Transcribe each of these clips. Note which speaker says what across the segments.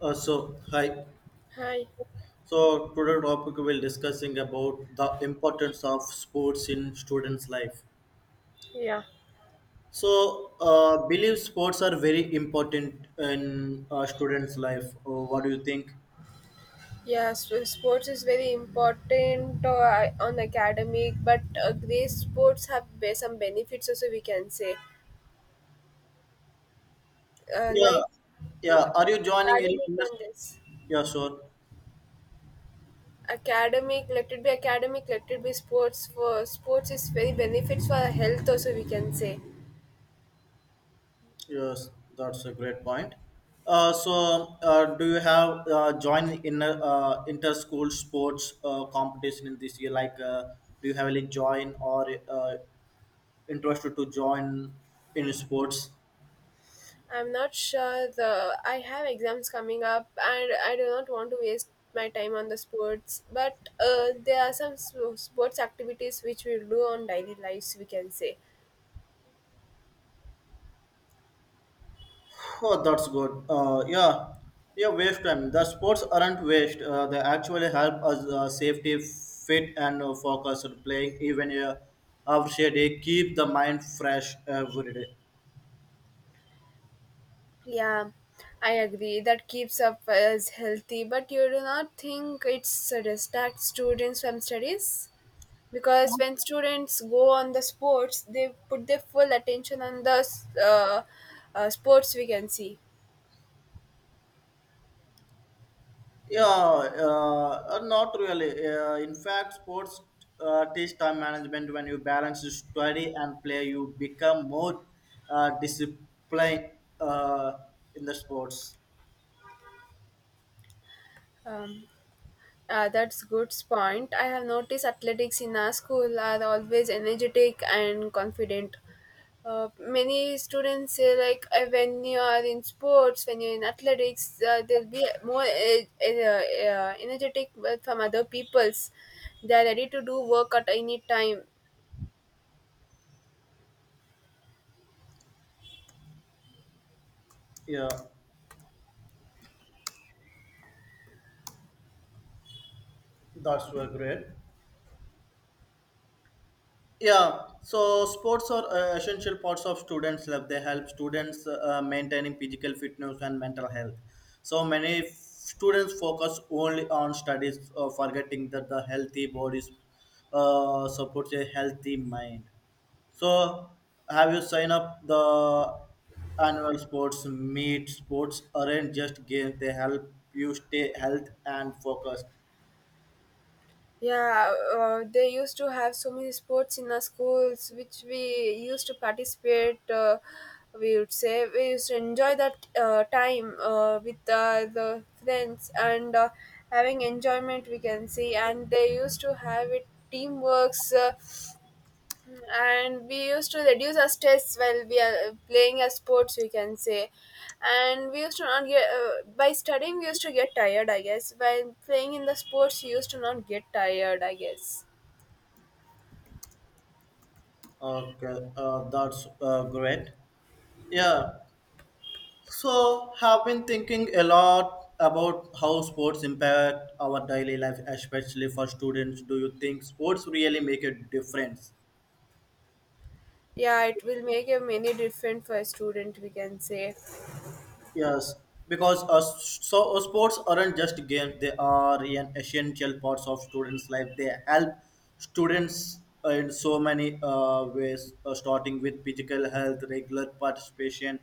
Speaker 1: So hi.
Speaker 2: Hi.
Speaker 1: So today topic we'll discussing about the importance of sports in students' life.
Speaker 2: Yeah.
Speaker 1: So believe sports are very important in students' life. What do you think?
Speaker 2: Yeah. So sports is very important on academic, but great sports have some benefits also. We can say, uh,
Speaker 1: Yeah,
Speaker 2: like
Speaker 1: yeah. Are you joining any?
Speaker 2: academic and this
Speaker 1: Yeah, sure.
Speaker 2: academic. Let it be academic. Let it be sports. For sports is very benefits for our health also. We can say.
Speaker 1: Yes, that's a great point. Do you have joined in a, inter school sports competition in this year? Like, do you have any join or interested to join in sports.
Speaker 2: I'm not sure the I have exams coming up and I do not want to waste my time on the sports but there are some sports activities which we do on daily lives we can say,
Speaker 1: Oh, that's good. Yeah, yeah. Waste time. The sports aren't waste. They actually help us safety, fit, and focused playing even after a day. Keep the mind fresh every day.
Speaker 2: yeah, I agree that keeps up us healthy but you do not think it's distract students from studies because when students go on the sports they put their full attention on the sports we can see.
Speaker 1: Yeah, not really. In fact, sports teach time management. When you balance study and play, you become more disciplined uh, in the sports.
Speaker 2: um, that's good point. I have noticed athletics in our school are always energetic and confident. Many students say like when you are in sports, when you're in athletics, they'll be more energetic but from other people's. They are ready to do work at any time.
Speaker 1: Yeah. That's were great. Yeah, so sports are essential parts of students' life. They help students maintaining physical fitness and mental health. So many students focus only on studies, forgetting that the healthy body supports a healthy mind. So, have you signed up the annual sports meet? Sports aren't just games; they help you stay health and focused.
Speaker 2: Yeah, they used to have so many sports in our schools, which we used to participate. We would say we used to enjoy that time with the friends and having enjoyment. We can see, and they used to have it teamworks. And we used to reduce our stress while we are playing as sports we can say, and we used to not get by studying we used to get tired I guess, while playing in the sports you used to not get tired I guess.
Speaker 1: Okay, that's great. Yeah. So have been thinking a lot about how sports impact our daily life, especially for students. Do you think sports really make a difference?
Speaker 2: Yeah, it will make a many different for a student we can say.
Speaker 1: Yes, because sports aren't just games; they are an essential parts of students' life. They help students in so many ways, starting with physical health, regular participation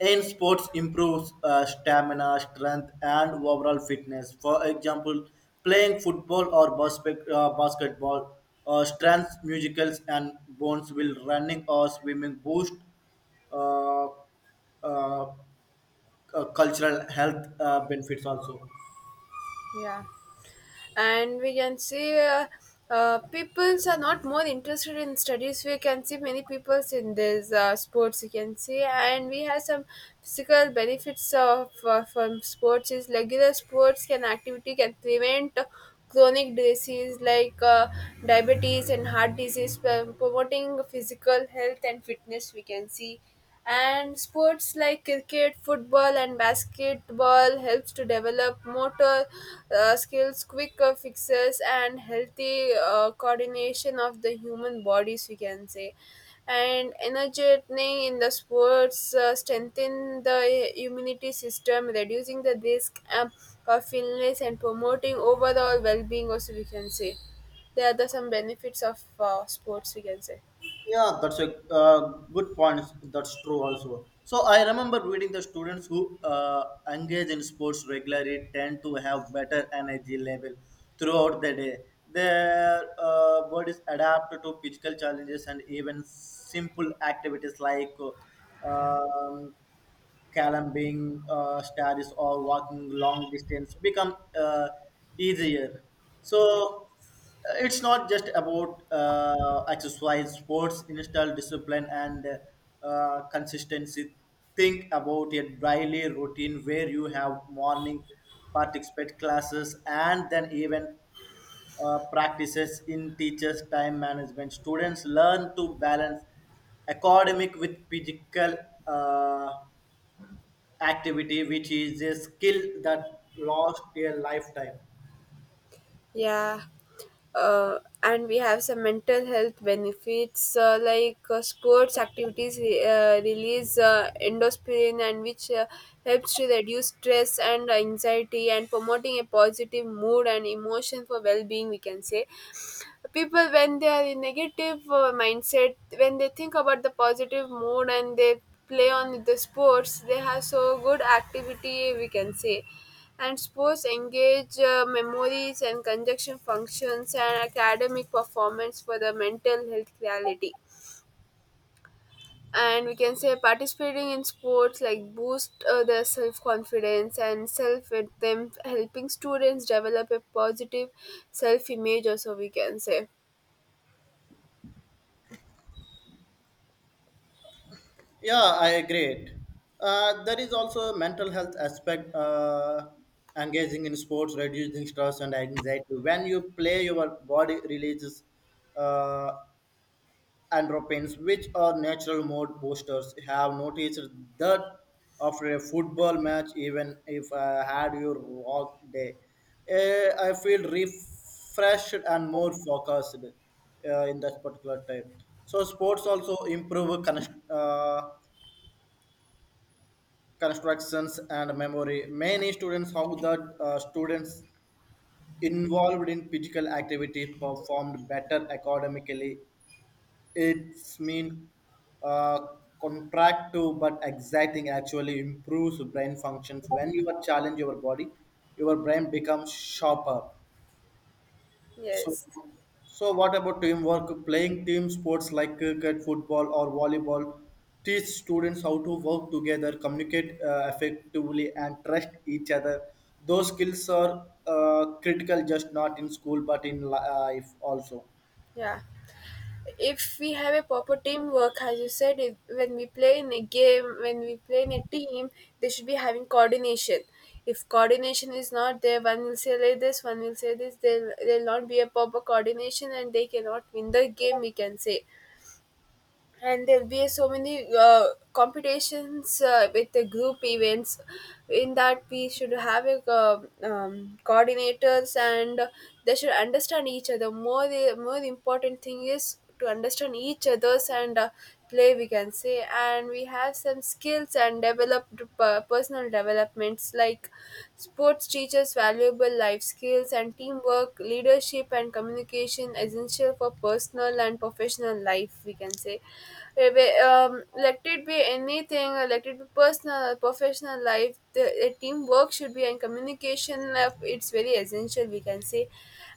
Speaker 1: in sports improves stamina, strength, and overall fitness. For example, playing football or basketball strengths, muscles, and bones. Will running or swimming boost uh, uh, cultural health benefits also.
Speaker 2: Yeah, and we can see peoples are not more interested in studies we can see many peoples in this sports you can see, and we have some physical benefits of from sports is regular sports can activity can prevent chronic disease like diabetes and heart disease, promoting physical health and fitness we can see. And sports like cricket, football and basketball helps to develop motor skills, quicker fixes and healthy coordination of the human bodies we can say. And energeting in the sports strengthen the immunity system reducing the risk of illness and promoting overall well-being also we can say. There are the some benefits of sports we can say.
Speaker 1: Yeah, that's a good point. That's true also. So I remember reading the students who engage in sports regularly tend to have better energy level throughout the day. Their bodies adapt to physical challenges and even simple activities like uh, um, climbing stairs or walking long distance become easier. So it's not just about exercise, sports, install discipline, and consistency. Think about a daily routine where you have morning participate classes and then even practices in teachers' time management. Students learn to balance academic with physical uh, activity, which is a skill that lasts a lifetime.
Speaker 2: Yeah. And we have some mental health benefits sports activities release endorphin, and which helps to reduce stress and anxiety and promoting a positive mood and emotion for well-being we can say. People when they are in negative mindset, when they think about the positive mood and they play on with the sports they have so good activity we can say. And sports engage memories and conjunction functions and academic performance for the mental health clarity. And we can say participating in sports like boost their self confidence and self with them, helping students develop a positive self image. Also, we can say.
Speaker 1: Yeah, I agree. There is also a mental health aspect. Engaging in sports reducing stress and anxiety. When you play, your body releases uh, Andropins, which are natural mode boosters, have noticed that after a football match, even if I had your rock day, eh, I feel refreshed and more focused in that particular time. So sports also improve constructions and memory. Many students how that students involved in physical activity performed better academically. It's mean uh, contractive but exciting actually improves brain functions. When you are challenge your body, your brain becomes sharper. So,
Speaker 2: Yes,
Speaker 1: so, what about teamwork? Playing team sports like cricket, football, or volleyball teach students how to work together, communicate effectively, and trust each other. Those skills are critical, just not in school but in life also.
Speaker 2: yeah. If we have a proper teamwork, as you said, if, when we play in a game, when we play in a team, they should be having coordination. If coordination is not there, one will say like this, one will say this. There will not be a proper coordination, and they cannot win the game. We can say, and there'll be so many competitions with the group events. In that we should have a coordinators, and they should understand each other more, the more the important thing is to understand each other's and play we can say. And we have some skills and developed personal developments like sports teachers valuable life skills and teamwork, leadership and communication essential for personal and professional life we can say. Eh, let it be anything, let it be personal or professional life. The teamwork should be and communication. It's very essential, we can say,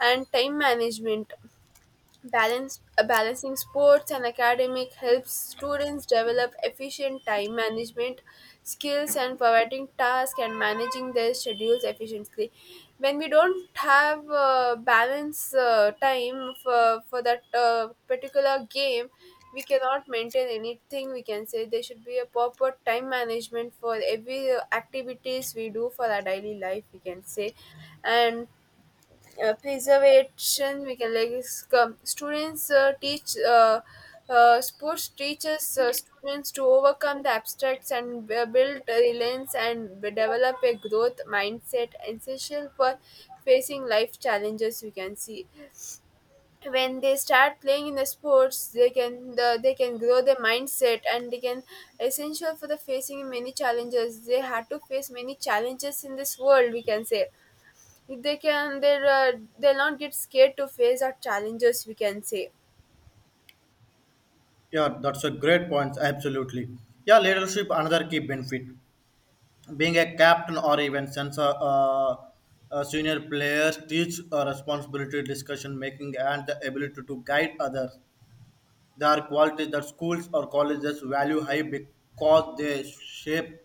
Speaker 2: and time management. Balancing sports and academic helps students develop efficient time management skills and providing tasks and managing their schedules efficiently. When we don't have balance time for that particular game, we cannot maintain anything we can say. There should be a proper time management for every activities we do for our daily life we can say. And preservation we can like is students teach sports teaches students to overcome the abstracts and build resilience and develop a growth mindset essential for facing life challenges we can see. When they start playing in the sports they can they can grow their mindset, and they can essential for the facing many challenges. They had to face many challenges in this world we can say. They can they're they'll not get scared to face our challenges we can say.
Speaker 1: Yeah, that's a great point. Absolutely. Yeah, leadership another key benefit. Being a captain or even sensor senior players teach responsibility, discussion making, and the ability to guide others. There are qualities that schools or colleges value high because they shape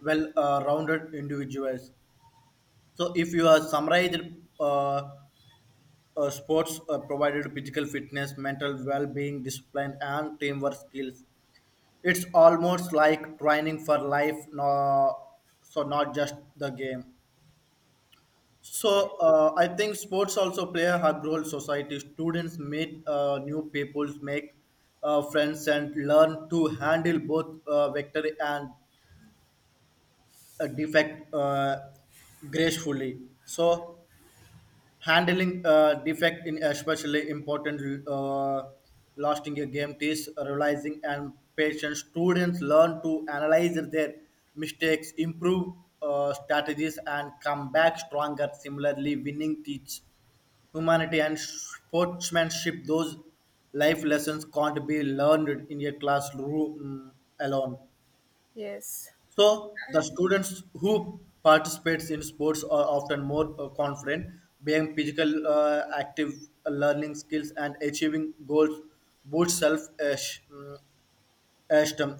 Speaker 1: well-rounded individuals. So, if you are summarized, uh, sports provided physical fitness, mental well-being, discipline, and teamwork skills. It's almost like training for life, no, so not just the game. So
Speaker 2: Yes.
Speaker 1: I think sports also play a hard role in Society students meet new people, make friends, and learn to handle both victory and defect gracefully. So handling defect in especially important lasting a game is realizing and patience students learn to analyze their mistakes improve strategies and come back stronger similarly winning teach humanity and sportsmanship those life lessons can't be learned in a classroom alone.
Speaker 2: Yes.
Speaker 1: So the students who participates in sports are often more confident, being physical, active, learning skills, and achieving goals boosts self-esteem.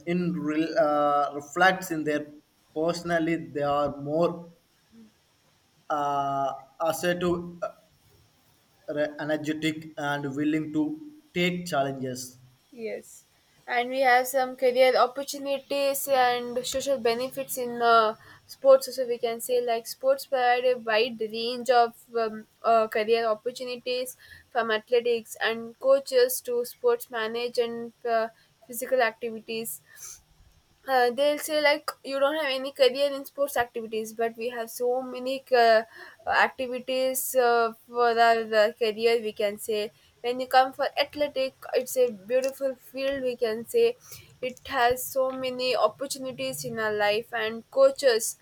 Speaker 1: In reflects in their personally, they are more uh, assertive, energetic, and willing to take challenges.
Speaker 2: Yes. And we have some career opportunities and social benefits in sports also we can say, like sports provide a wide range of career opportunities from athletics and coaches to sports manage, and physical activities. They'll say like you don't have any career in sports activities but we have so many activities for our career we can say. When you come for athletic, it's a beautiful field we can say. It has so many opportunities in our life and coaches.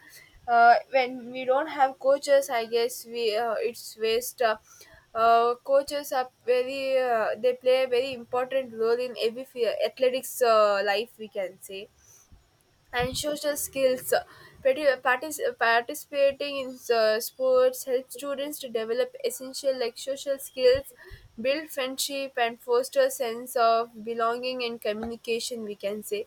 Speaker 2: When we don't have coaches I guess we it's waste coaches are very they play a very important role in every athletics life we can say. And social skills. Participating in sports helps students to develop essential like social skills, build friendship, and foster sense of belonging and communication. We can say,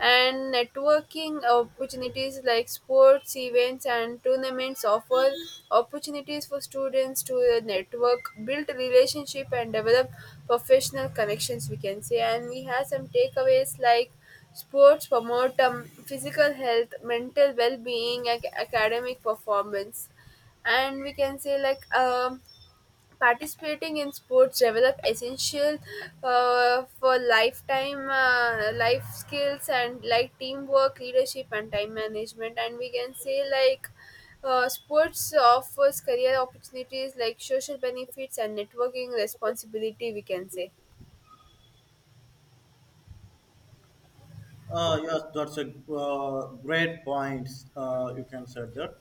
Speaker 2: and networking opportunities like sports events and tournaments offer opportunities for students to network, build relationship, and develop professional connections. We can say, and we have some takeaways like sports promote physical health, mental well-being, academic performance, and we can say like participating in sports develop essential for lifetime life skills and like teamwork, leadership, and time management. And we can say like sports offers career opportunities like social benefits and networking responsibility. We can say.
Speaker 1: Yes, that's a great point. You can say that.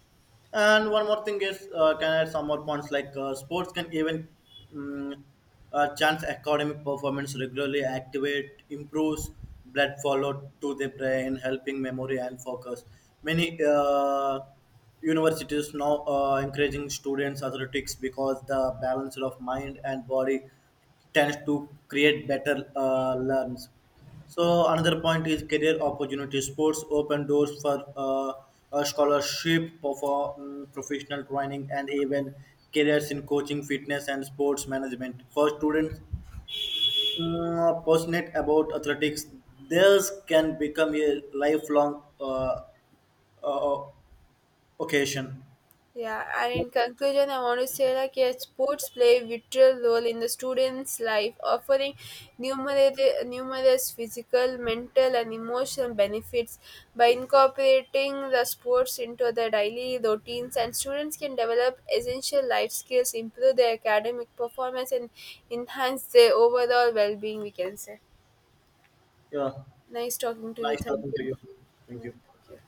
Speaker 1: And one more thing is, can add some more points like sports can even um, chance academic performance regularly, activate, improves blood flow to the brain, helping memory and focus. Many universities now encouraging students athletics because the balance of mind and body tends to create better learns. So another point is career opportunities. Sports open doors for a scholarship, for professional training, and even careers in coaching, fitness, and sports management. For students passionate about athletics, this can become a lifelong uh, uh, occasion.
Speaker 2: Yeah, and in conclusion, I want to say like, yeah, sports play a vital role in the students' life, offering numerous, numerous physical, mental, and emotional benefits. By incorporating the sports into their daily routines, and students can develop essential life skills, improve their academic performance, and enhance their overall well-being. We can say.
Speaker 1: Yeah,
Speaker 2: Nice talking to you.
Speaker 1: nice
Speaker 2: Thank
Speaker 1: talking to
Speaker 2: you.
Speaker 1: you. Thank
Speaker 2: Yeah,
Speaker 1: you.
Speaker 2: thank you.